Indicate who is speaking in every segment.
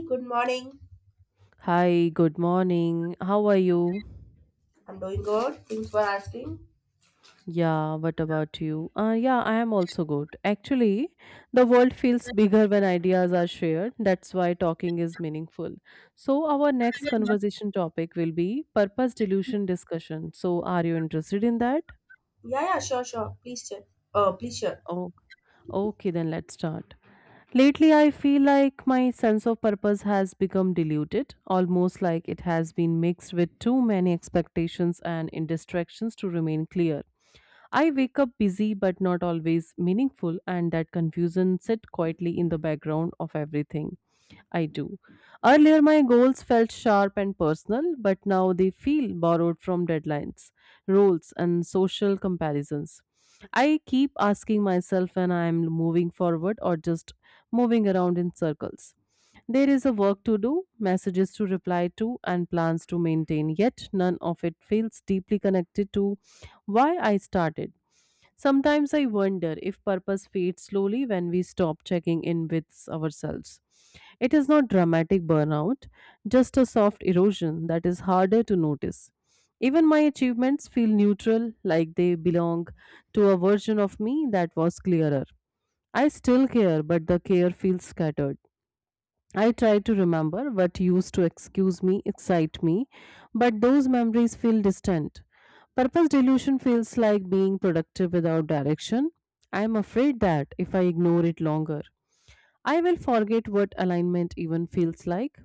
Speaker 1: Good morning.
Speaker 2: Hi, good morning. How are you?
Speaker 1: I'm doing good. Thanks for asking.
Speaker 2: Yeah, what about you? Yeah, I am also good. Actually, the world feels bigger when ideas are shared. That's why talking is meaningful. So, our next conversation topic will be purpose delusion discussion. So, are you interested in that?
Speaker 1: Yeah, yeah, sure, sure. Please share. Please share.
Speaker 2: Oh, okay, then let's start. Lately, I feel like my sense of purpose has become diluted, almost like it has been mixed with too many expectations and distractions to remain clear. I wake up busy but not always meaningful, and that confusion sits quietly in the background of everything I do. Earlier, my goals felt sharp and personal, but now they feel borrowed from deadlines, roles, and social comparisons. I keep asking myself when I am moving forward or just moving around in circles. There is a work to do, messages to reply to, and plans to maintain, yet none of it feels deeply connected to why I started. Sometimes I wonder if purpose fades slowly when we stop checking in with ourselves. It is not dramatic burnout, just a soft erosion that is harder to notice. Even my achievements feel neutral, like they belong to a version of me that was clearer. I still care, but the care feels scattered. I try to remember what used to excuse me, excite me, but those memories feel distant. Purpose delusion feels like being productive without direction. I am afraid that if I ignore it longer, I will forget what alignment even feels like.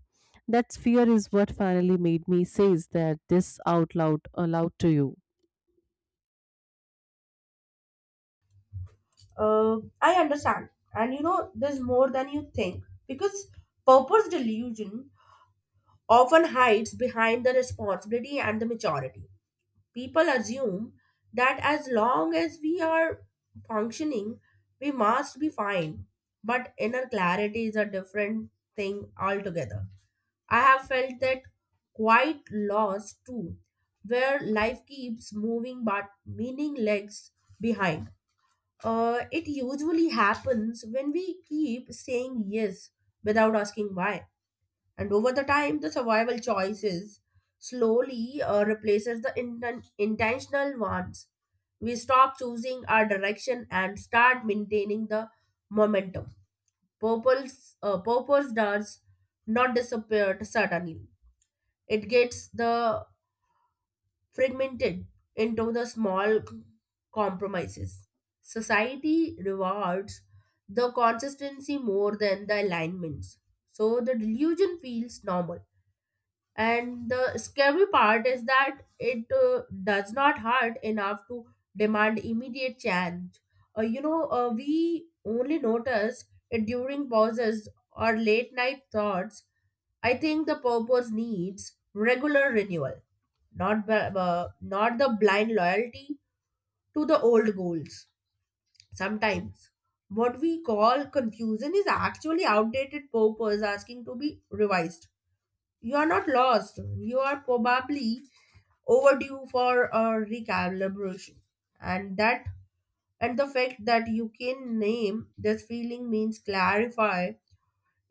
Speaker 2: That fear is what finally made me say that this out loud aloud to you.
Speaker 1: I understand. And you know, there's more than you think because purpose delusion often hides behind the responsibility and the maturity. People assume that as long as we are functioning, we must be fine. But inner clarity is a different thing altogether. I have felt that quite loss too, where life keeps moving but meaning lags behind. It usually happens when we keep saying yes without asking why, and over the time, the survival choices slowly replaces the intentional ones. We stop choosing our direction and start maintaining the momentum. Purpose does not disappear suddenly. It gets the fragmented into the small compromises. Society rewards the consistency more than the alignments, so the delusion feels normal, and the scary part is that it does not hurt enough to demand immediate change. We only notice it during pauses or late night thoughts. I think the purpose needs regular renewal, not the blind loyalty to the old goals. Sometimes what we call confusion is actually outdated purpose asking to be revised. You are not lost. You are probably overdue for a recalibration, and that and the fact that you can name this feeling means clarify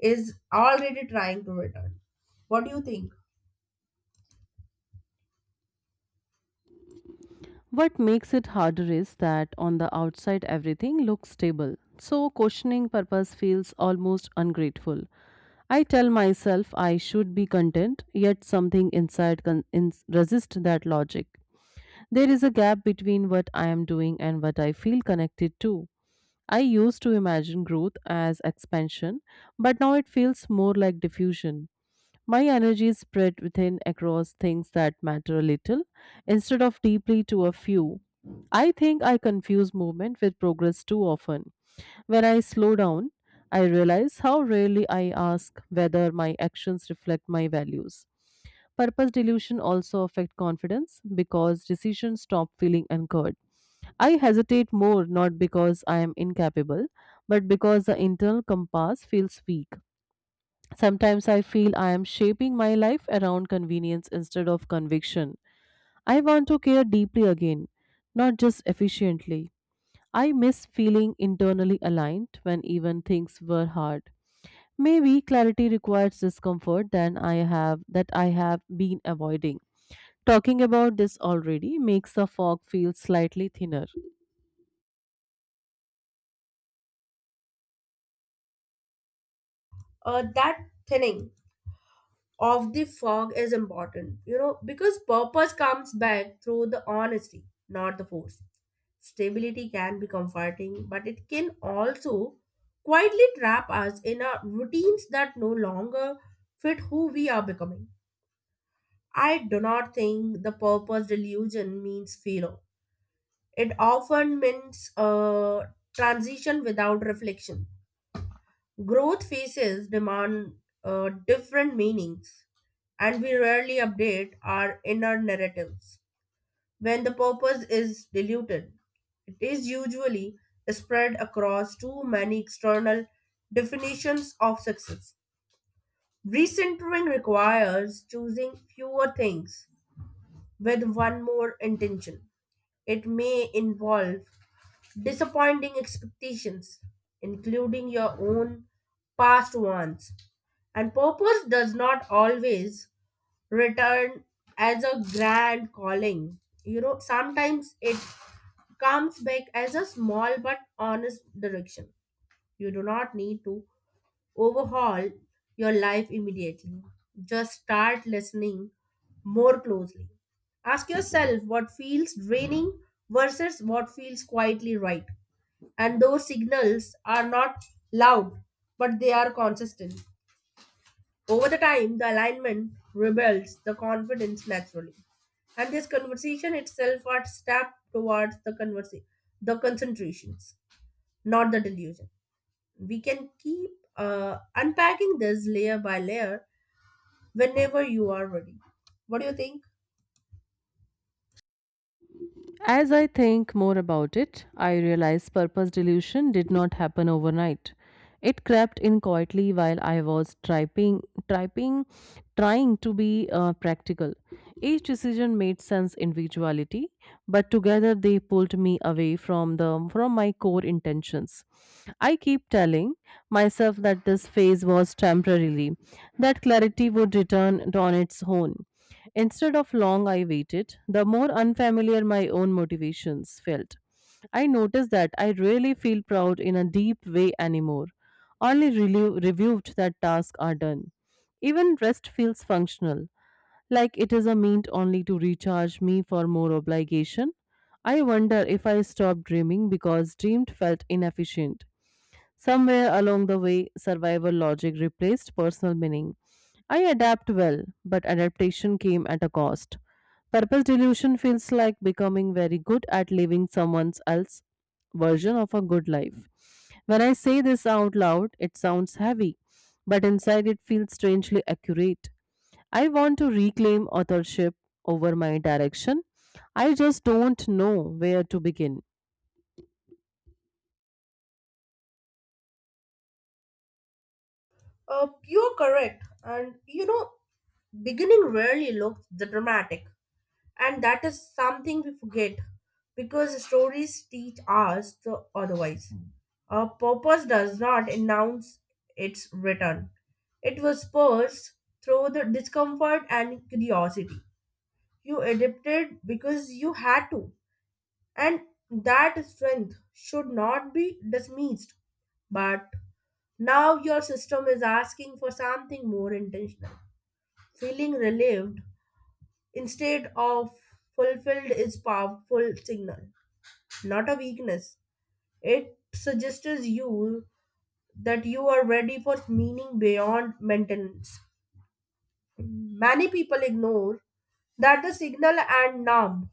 Speaker 1: is already trying to return. What do you think?
Speaker 2: What makes it harder is that on the outside everything looks stable, so questioning purpose feels almost ungrateful. I tell myself I should be content, yet something inside resists that logic. There is a gap between what I am doing and what I feel connected to. I used to imagine growth as expansion, but now it feels more like diffusion. My energy is spread within across things that matter a little instead of deeply to a few. I think I confuse movement with progress too often. When I slow down, I realize how rarely I ask whether my actions reflect my values. Purpose delusion also affect confidence because decisions stop feeling anchored. I hesitate more not because I am incapable, but because the internal compass feels weak. Sometimes I feel I am shaping my life around convenience instead of conviction. I want to care deeply again, not just efficiently. I miss feeling internally aligned when even things were hard. Maybe clarity requires discomfort than I have been avoiding. Talking about this already makes the fog feel slightly thinner.
Speaker 1: That thinning of the fog is important, you know, because purpose comes back through the honesty, not the force. Stability can be comforting, but it can also quietly trap us in our routines that no longer fit who we are becoming. I do not think the purpose delusion means failure. It often means transition without reflection. Growth phases demand different meanings, and we rarely update our inner narratives. When the purpose is diluted, it is usually spread across too many external definitions of success. Recentering requires choosing fewer things with one more intention. It may involve disappointing expectations, including your own past ones, and purpose does not always return as a grand calling. You know, sometimes it comes back as a small but honest direction. You do not need to overhaul your life immediately. Just start listening more closely. Ask yourself what feels draining versus what feels quietly right. And those signals are not loud, but they are consistent. Over the time, the alignment rebuilds the confidence naturally. And this conversation itself are step towards the the concentrations, not the delusion. We can keep unpacking this layer by layer whenever you are ready. What do you think?
Speaker 2: As I think more about it, I realize purpose dilution did not happen overnight. It crept in quietly while I was trying, trying to be practical. Each decision made sense individuality, but together they pulled me away from the from my core intentions. I keep telling myself that this phase was temporarily, that clarity would return on its own. Instead of long, I waited, the more unfamiliar my own motivations felt. I noticed that I really feel proud in a deep way anymore. Only relieved that tasks are done. Even rest feels functional, like it is a means only to recharge me for more obligation. I wonder if I stopped dreaming because dreamed felt inefficient. Somewhere along the way, survival logic replaced personal meaning. I adapt well, but adaptation came at a cost. Purpose delusion feels like becoming very good at living someone else's version of a good life. When I say this out loud, it sounds heavy, but inside it feels strangely accurate. I want to reclaim authorship over my direction. I just don't know where to begin.
Speaker 1: You're correct. And you know, beginning rarely looks dramatic. And that is something we forget because stories teach us the otherwise. A purpose does not announce its return. It was purged through the discomfort and curiosity. You adapted because you had to. And that strength should not be dismissed. But now your system is asking for something more intentional. Feeling relieved instead of fulfilled is powerful signal, not a weakness. It suggests you are ready for meaning beyond maintenance. Many people ignore that the signal and numb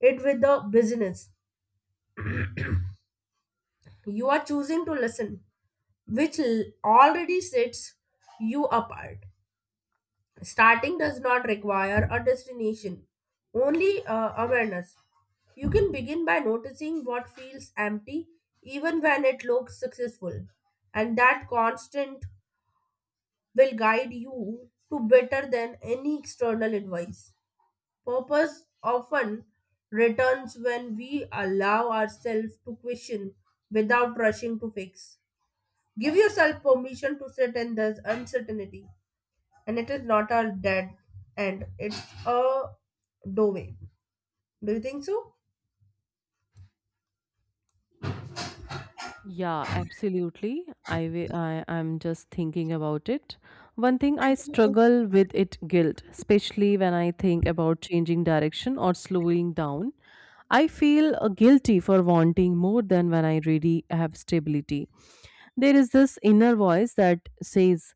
Speaker 1: it with the business. You are choosing to listen, already sets you apart. Starting does not require a destination, only awareness. You can begin by noticing what feels empty even when it looks successful, and that constant will guide you to better than any external advice. Purpose often returns when we allow ourselves to question without rushing to fix. Give yourself permission to sit in this uncertainty, and it is not a dead end, it's a doorway. Do you think so?
Speaker 2: Yeah, absolutely. I, wi- I I'm just thinking about it. One thing I struggle with it guilt, especially when I think about changing direction or slowing down. I feel guilty for wanting more than when I really have stability. There is this inner voice that says,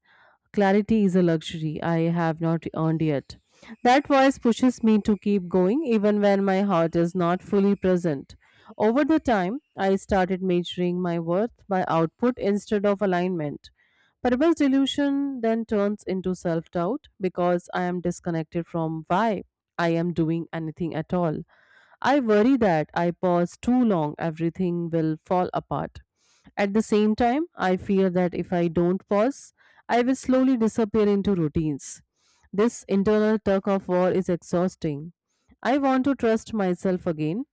Speaker 2: clarity is a luxury I have not earned yet. That voice pushes me to keep going even when my heart is not fully present. Over the time, I started measuring my worth by output instead of alignment. Purpose delusion then turns into self doubt because I am disconnected from why I am doing anything at all. I worry that I pause too long, everything will fall apart. At the same time, I fear that if I don't pause, I will slowly disappear into routines. This internal tug of war is exhausting. I want to trust myself again.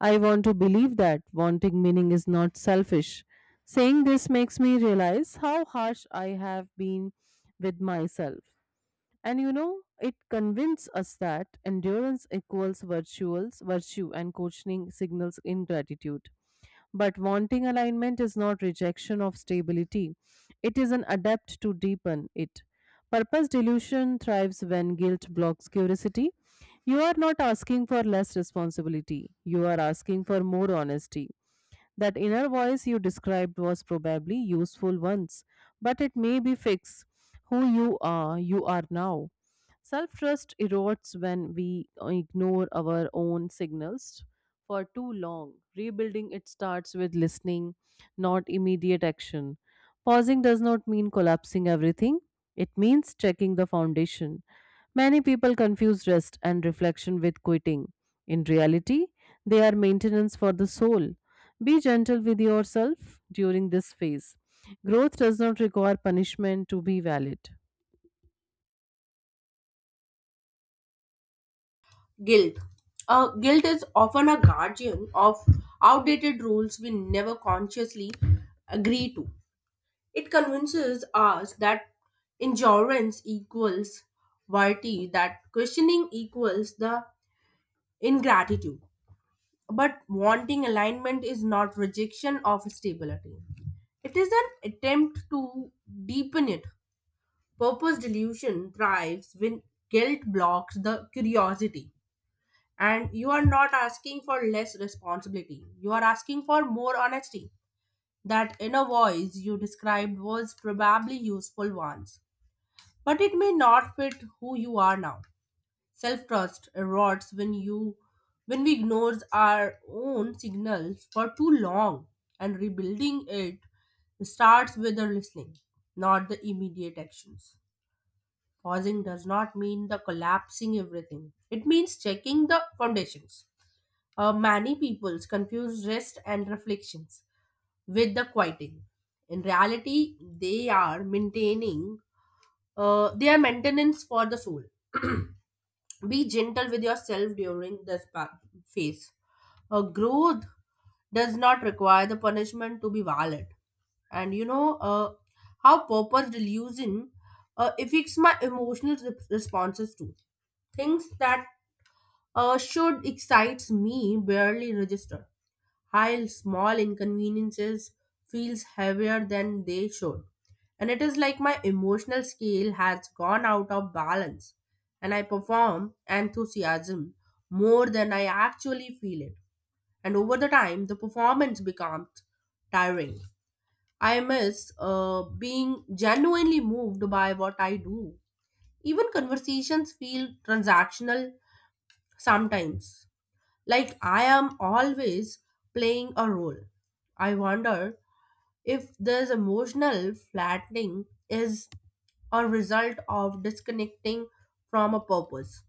Speaker 2: I want to believe that wanting meaning is not selfish. Saying this makes me realize how harsh I have been with myself. And you know, it convinces us that endurance equals virtue, and coaching signals ingratitude. But wanting alignment is not rejection of stability, it is an adapt to deepen it. Purpose delusion thrives when guilt blocks curiosity. You are not asking for less responsibility, you are asking for more honesty. That inner voice you described was probably useful once, but it may be fixed. Who you are now. Self trust erodes when we ignore our own signals for too long. Rebuilding it starts with listening, not immediate action. Pausing does not mean collapsing everything, it means checking the foundation. Many people confuse rest and reflection with quitting. In reality, they are maintenance for the soul. Be gentle with yourself during this phase. Growth does not require punishment to be valid.
Speaker 1: Guilt. Guilt is often a guardian of outdated rules we never consciously agree to. It convinces us that endurance equals virtue, that questioning equals the ingratitude. But wanting alignment is not rejection of stability. It is an attempt to deepen it. Purpose delusion thrives when guilt blocks the curiosity. And you are not asking for less responsibility, you are asking for more honesty. That inner voice you described was probably useful once, but it may not fit who you are now. Self trust erodes when you when we ignore our own signals for too long, and rebuilding it starts with the listening, not the immediate actions. Pausing does not mean the collapsing everything. It means checking the foundations. Many people confuse rest and reflections with the quieting. In reality, they are maintaining. They are maintenance for the soul. Be gentle with yourself during this phase. Growth does not require the punishment to be valid. And you know, how purpose delusion affects my emotional responses to things that should excites me barely register, while small inconveniences feels heavier than they should, and it is like my emotional scale has gone out of balance, and I perform enthusiasm more than I actually feel it, and over the time the performance becomes tiring. I miss being genuinely moved by what I do. Even conversations feel transactional sometimes, like I am always playing a role. I wonder if this emotional flattening is a result of disconnecting from a purpose.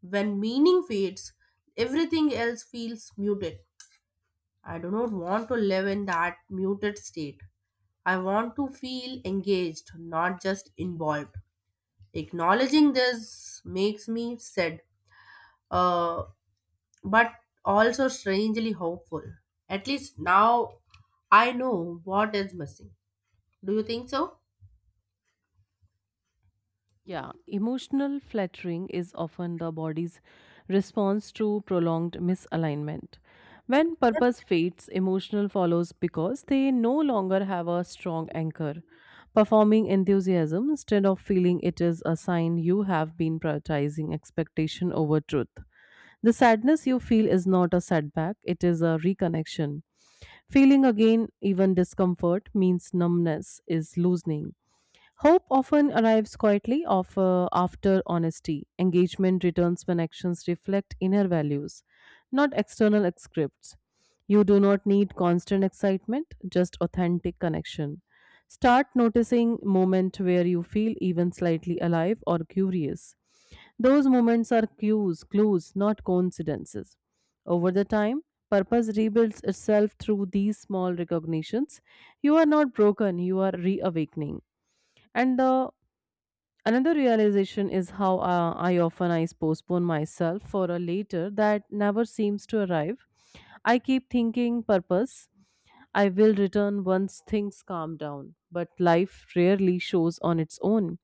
Speaker 1: When meaning fades, everything else feels muted. I do not want to live in that muted state. I want to feel engaged, not just involved. Acknowledging this makes me sad. Uh, but also strangely hopeful. At least now I know what is missing. Do you think so?
Speaker 2: Yeah, emotional flattering is often the body's response to prolonged misalignment. When purpose fades, emotional follows because they no longer have a strong anchor. Performing enthusiasm instead of feeling it is a sign you have been prioritizing expectation over truth. The sadness you feel is not a setback, it is a reconnection. Feeling again, even discomfort, means numbness is loosening. Hope often arrives quietly after honesty. Engagement returns when actions reflect inner values, not external scripts. You do not need constant excitement, just authentic connection. Start noticing moments where you feel even slightly alive or curious. Those moments are clues, not coincidences. Over the time, purpose rebuilds itself through these small recognitions. You are not broken, you are reawakening. And the another realization is how I postpone myself for a later that never seems to arrive. I keep thinking purpose. I will return once things calm down, but life rarely shows on its own.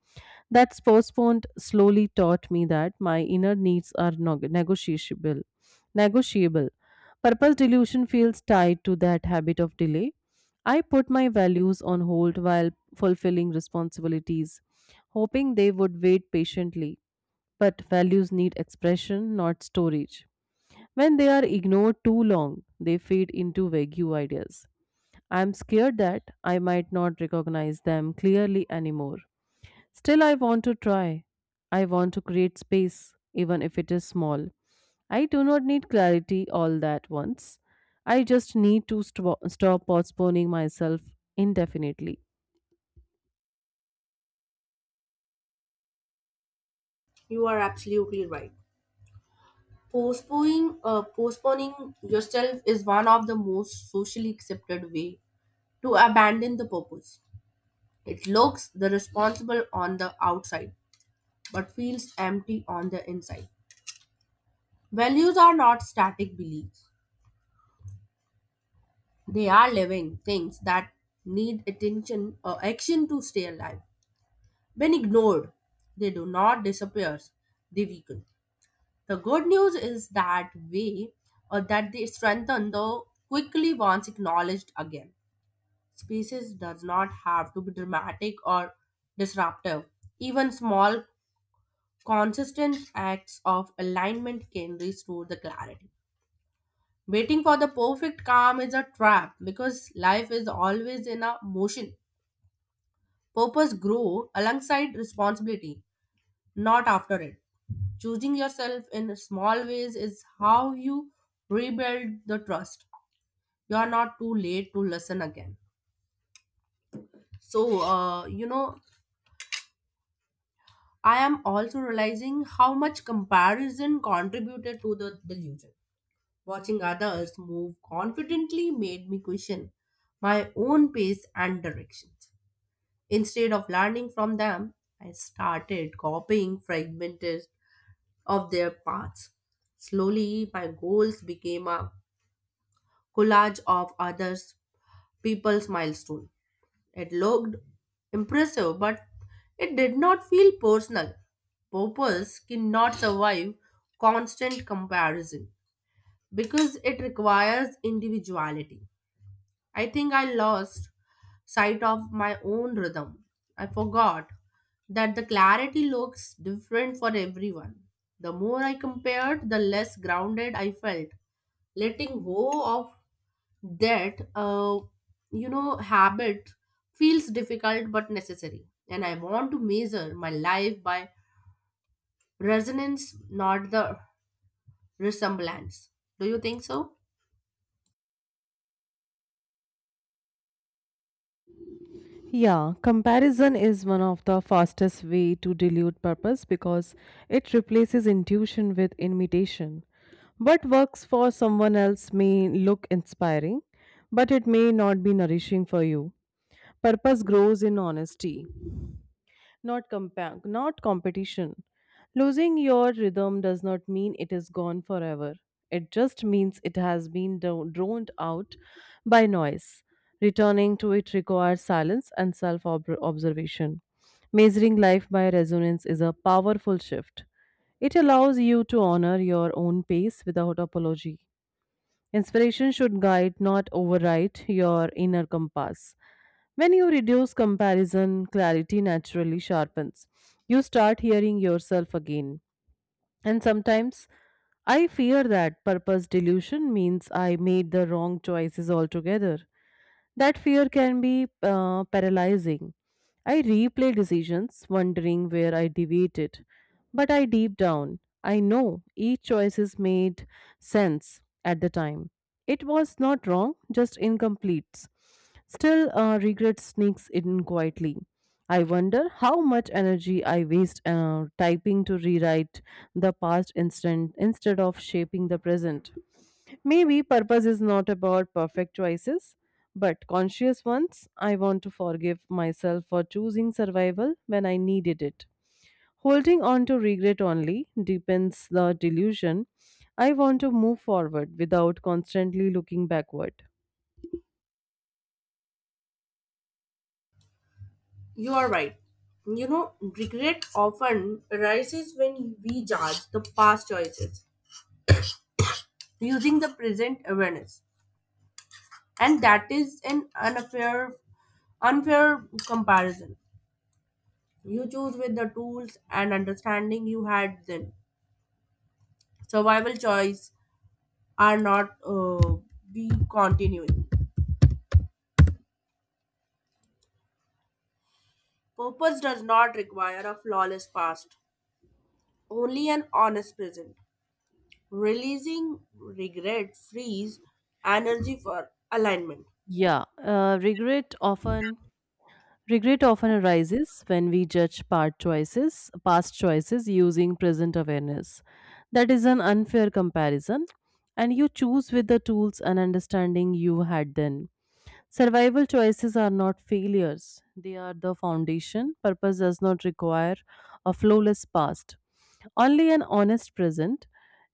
Speaker 2: That's postponed slowly taught me that my inner needs are negotiable. Negotiable. Purpose delusion feels tied to that habit of delay. I put my values on hold while fulfilling responsibilities, hoping they would wait patiently. But values need expression, not storage. When they are ignored too long, they fade into vague ideas. I'm scared that I might not recognize them clearly anymore. Still, I want to try. I want to create space, even if it is small. I do not need clarity all that once. I just need to stop postponing myself indefinitely.
Speaker 1: You are absolutely right. Postponing yourself is one of the most socially accepted way to abandon the purpose. It looks the responsible on the outside, but feels empty on the inside. Values are not static beliefs; they are living things that need attention or action to stay alive. When ignored, they do not disappear, they weaken. The good news is that way or that they strengthen though quickly once acknowledged again. Species does not have to be dramatic or disruptive. Even small consistent acts of alignment can restore the clarity. Waiting for the perfect calm is a trap because life is always in a motion. Purpose grow alongside responsibility, not after it. Choosing yourself in small ways is how you rebuild the trust. You are not too late to listen again. So, I am also realizing how much comparison contributed to the delusion. Watching others move confidently made me question my own pace and directions. Instead of learning from them, I started copying fragmented of their paths. Slowly, my goals became a collage of others' people's milestone. It looked impressive, but it did not feel personal. Purpose cannot survive constant comparison because it requires individuality. I think I lost sight of my own rhythm. I forgot that the clarity looks different for everyone. The more I compared, the less grounded I felt. Letting go of that habit feels difficult but necessary. And I want to measure my life by resonance, not the resemblance. Do you think so?
Speaker 2: Yeah, comparison is one of the fastest way to dilute purpose because it replaces intuition with imitation. What works for someone else may look inspiring, but it may not be nourishing for you. Purpose grows in honesty, not competition. Losing your rhythm does not mean it is gone forever. It just means it has been droned out by noise. Returning to it requires silence and self observation. Measuring life by resonance is a powerful shift. It allows you to honor your own pace without apology. Inspiration should guide, not override, your inner compass. When you reduce comparison, clarity naturally sharpens. You start hearing yourself again. And sometimes I fear that purpose delusion means I made the wrong choices altogether. That fear can be paralyzing. I replay decisions, wondering where I deviated. But I deep down, I know each choice is made sense at the time. It was not wrong, just incomplete. Still, regret sneaks in quietly. I wonder how much energy I waste typing to rewrite the past instant instead of shaping the present. Maybe purpose is not about perfect choices, but conscious ones. I want to forgive myself for choosing survival when I needed it. Holding on to regret only deepens the delusion. I want to move forward without constantly looking backward.
Speaker 1: You are right. You know, regret often arises when we judge the past choices using the present awareness. And that is unfair comparison. You choose with the tools and understanding you had then. Survival choice are not be continuing. Purpose does not require a flawless past, only an honest present. Releasing regret frees energy for alignment.
Speaker 2: Yeah, uh, regret often Regret often arises when we judge past choices using present awareness. That is an unfair comparison, and you choose with the tools and understanding you had then. Survival choices are not failures, they are the foundation. Purpose does not require a flawless past, only an honest present.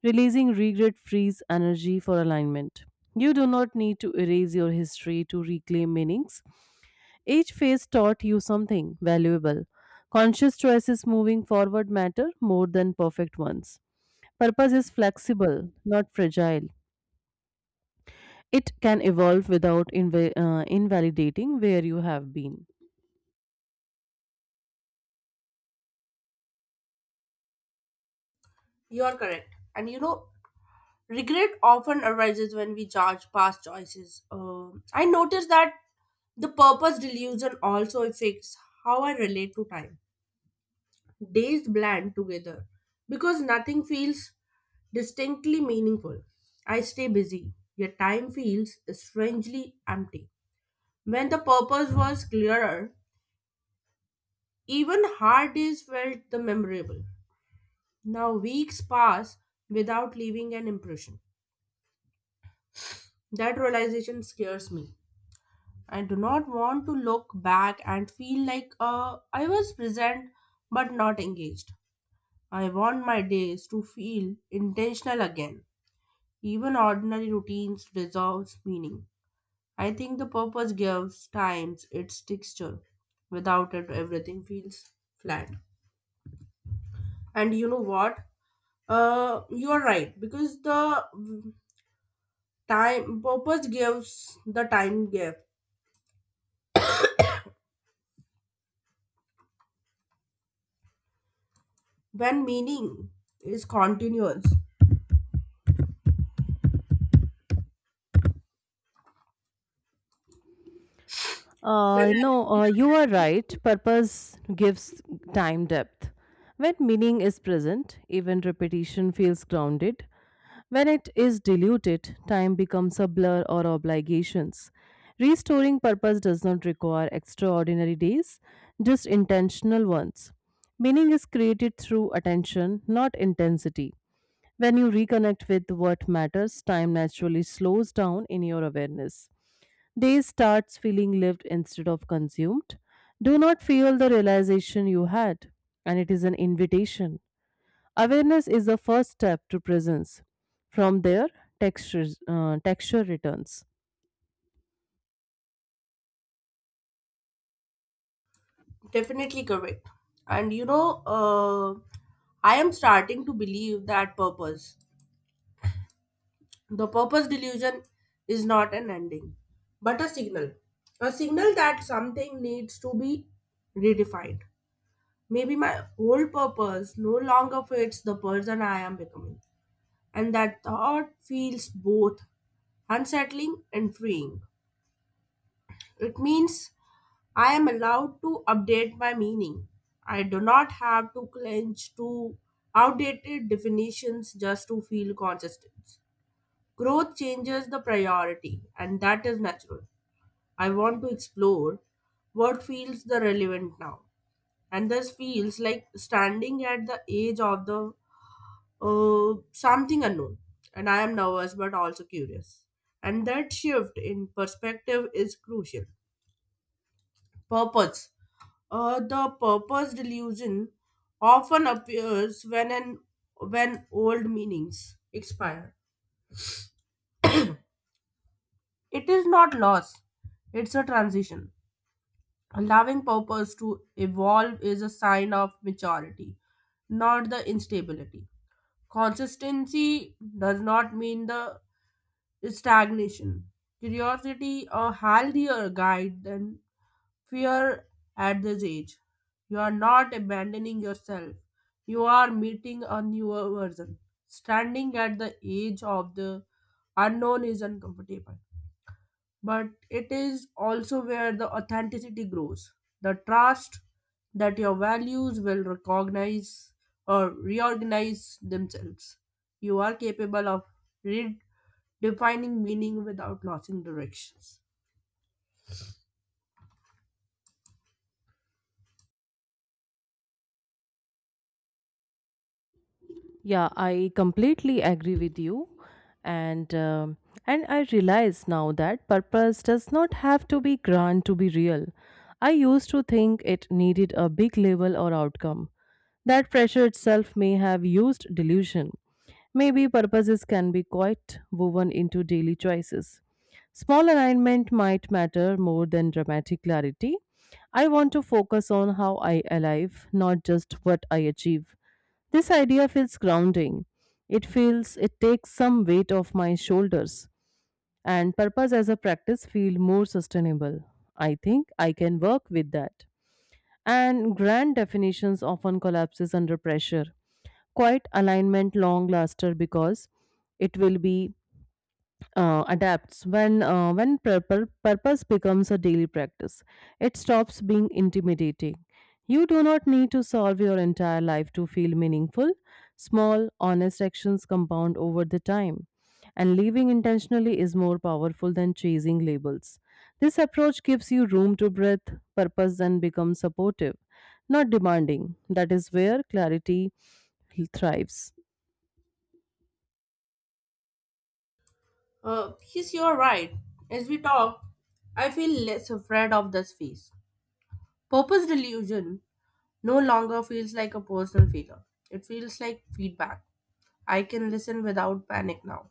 Speaker 2: Releasing regret frees energy for alignment. You do not need to erase your history to reclaim meanings. Each phase taught you something valuable. Conscious choices moving forward matter more than perfect ones. Purpose is flexible, not fragile. It can evolve without invalidating where you have been.
Speaker 1: You're correct. And you know, regret often arises when we judge past choices. I noticed that the purpose delusion also affects how I relate to time. Days blend together because nothing feels distinctly meaningful. I stay busy, yet time feels strangely empty. When the purpose was clearer, even hard days felt the memorable. Now weeks pass without leaving an impression. That realization scares me. I do not want to look back and feel like I was present but not engaged. I want my days to feel intentional again. Even ordinary routines dissolves meaning. I think the purpose gives times its texture. Without it, everything feels flat. And you know what? You are right because the time purpose gives the time gap when meaning is continuous. Well,
Speaker 2: No, you are right. Purpose gives time depth. When meaning is present, even repetition feels grounded. When it is diluted, time becomes a blur or obligations. Restoring purpose does not require extraordinary days, just intentional ones. Meaning is created through attention, not intensity. When you reconnect with what matters, time naturally slows down in your awareness. Day starts feeling lived instead of consumed. Do not feel the realization you had, and it is an invitation. Awareness is the first step to presence. From there, texture returns.
Speaker 1: definitely correct. And you know, I am starting to believe that the purpose delusion is not an ending, but a signal. A signal that something needs to be redefined. Maybe my old purpose no longer fits the person I am becoming. And that thought feels both unsettling and freeing. It means I am allowed to update my meaning. I do not have to cling to outdated definitions just to feel consistent. Growth changes the priority, and that is natural. I want to explore what feels the relevant now. And this feels like standing at the edge of the something unknown. And I am nervous but also curious. And that shift in perspective is crucial. Purpose the purpose delusion often appears when old meanings expire. It is not loss; it's a transition. Allowing purpose to evolve is a sign of maturity, not the instability. Consistency does not mean the stagnation. Curiosity, a healthier guide than fear at this age. You are not abandoning yourself. You are meeting a newer version. Standing at the edge of the unknown is uncomfortable, but it is also where the authenticity grows. The trust that your values will recognize or reorganize themselves. You are capable of redefining meaning without losing directions.
Speaker 2: Yeah, I completely agree with you, and um and I realize now that purpose does not have to be grand to be real. I used to think it needed a big label or outcome. That pressure itself may have used delusion. Maybe purposes can be quite woven into daily choices. Small alignment might matter more than dramatic clarity. I want to focus on how I alive, not just what I achieve. This idea feels grounding. It feels it takes some weight off my shoulders and purpose as a practice feel more sustainable. I think I can work with that. And grand definitions often collapses under pressure, quite alignment long laster because it will be adapts when purpose becomes a daily practice. It stops being intimidating. You do not need to solve your entire life to feel meaningful. Small honest actions compound over the time, and living intentionally is more powerful than chasing labels. This approach gives you room to breathe. Purpose and become supportive, not demanding. That is where clarity thrives.
Speaker 1: Yes, you're right. As we talk, I feel less afraid of this phase. Purpose delusion no longer feels like a personal failure. It feels like feedback. I can listen without panic now.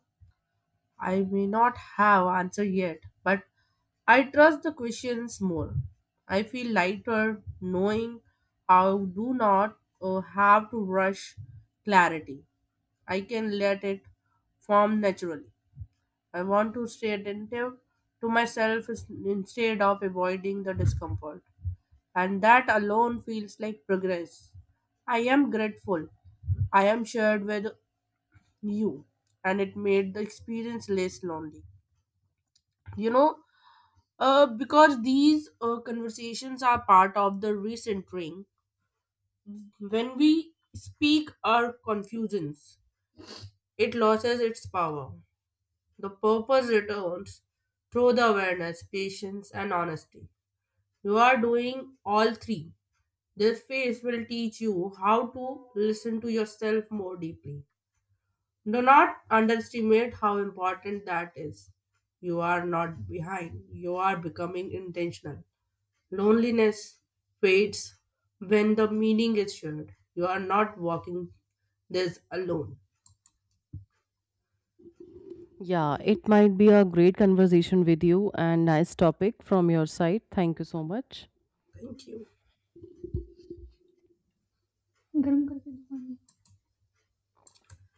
Speaker 1: I may not have answer yet, but I trust the questions more. I feel lighter knowing I do not have to rush clarity. I can let it form naturally. I want to stay attentive to instead of avoiding the discomfort. And that alone feels like progress. I am grateful. I am shared with you, and it made the experience less lonely. You know, because these conversations are part of the recentering. When we speak our confusions, it loses its power. The purpose returns through the awareness, patience, and honesty. You are doing all three. This phase will teach you how to listen to yourself more deeply. Do not underestimate how important that is. You are not behind, you are becoming intentional. Loneliness fades when the meaning is shared. You are not walking this alone.
Speaker 2: Yeah, it might be a great conversation with you and nice topic from your side. Thank you so much.
Speaker 1: Thank you. गर्म करके दुकान में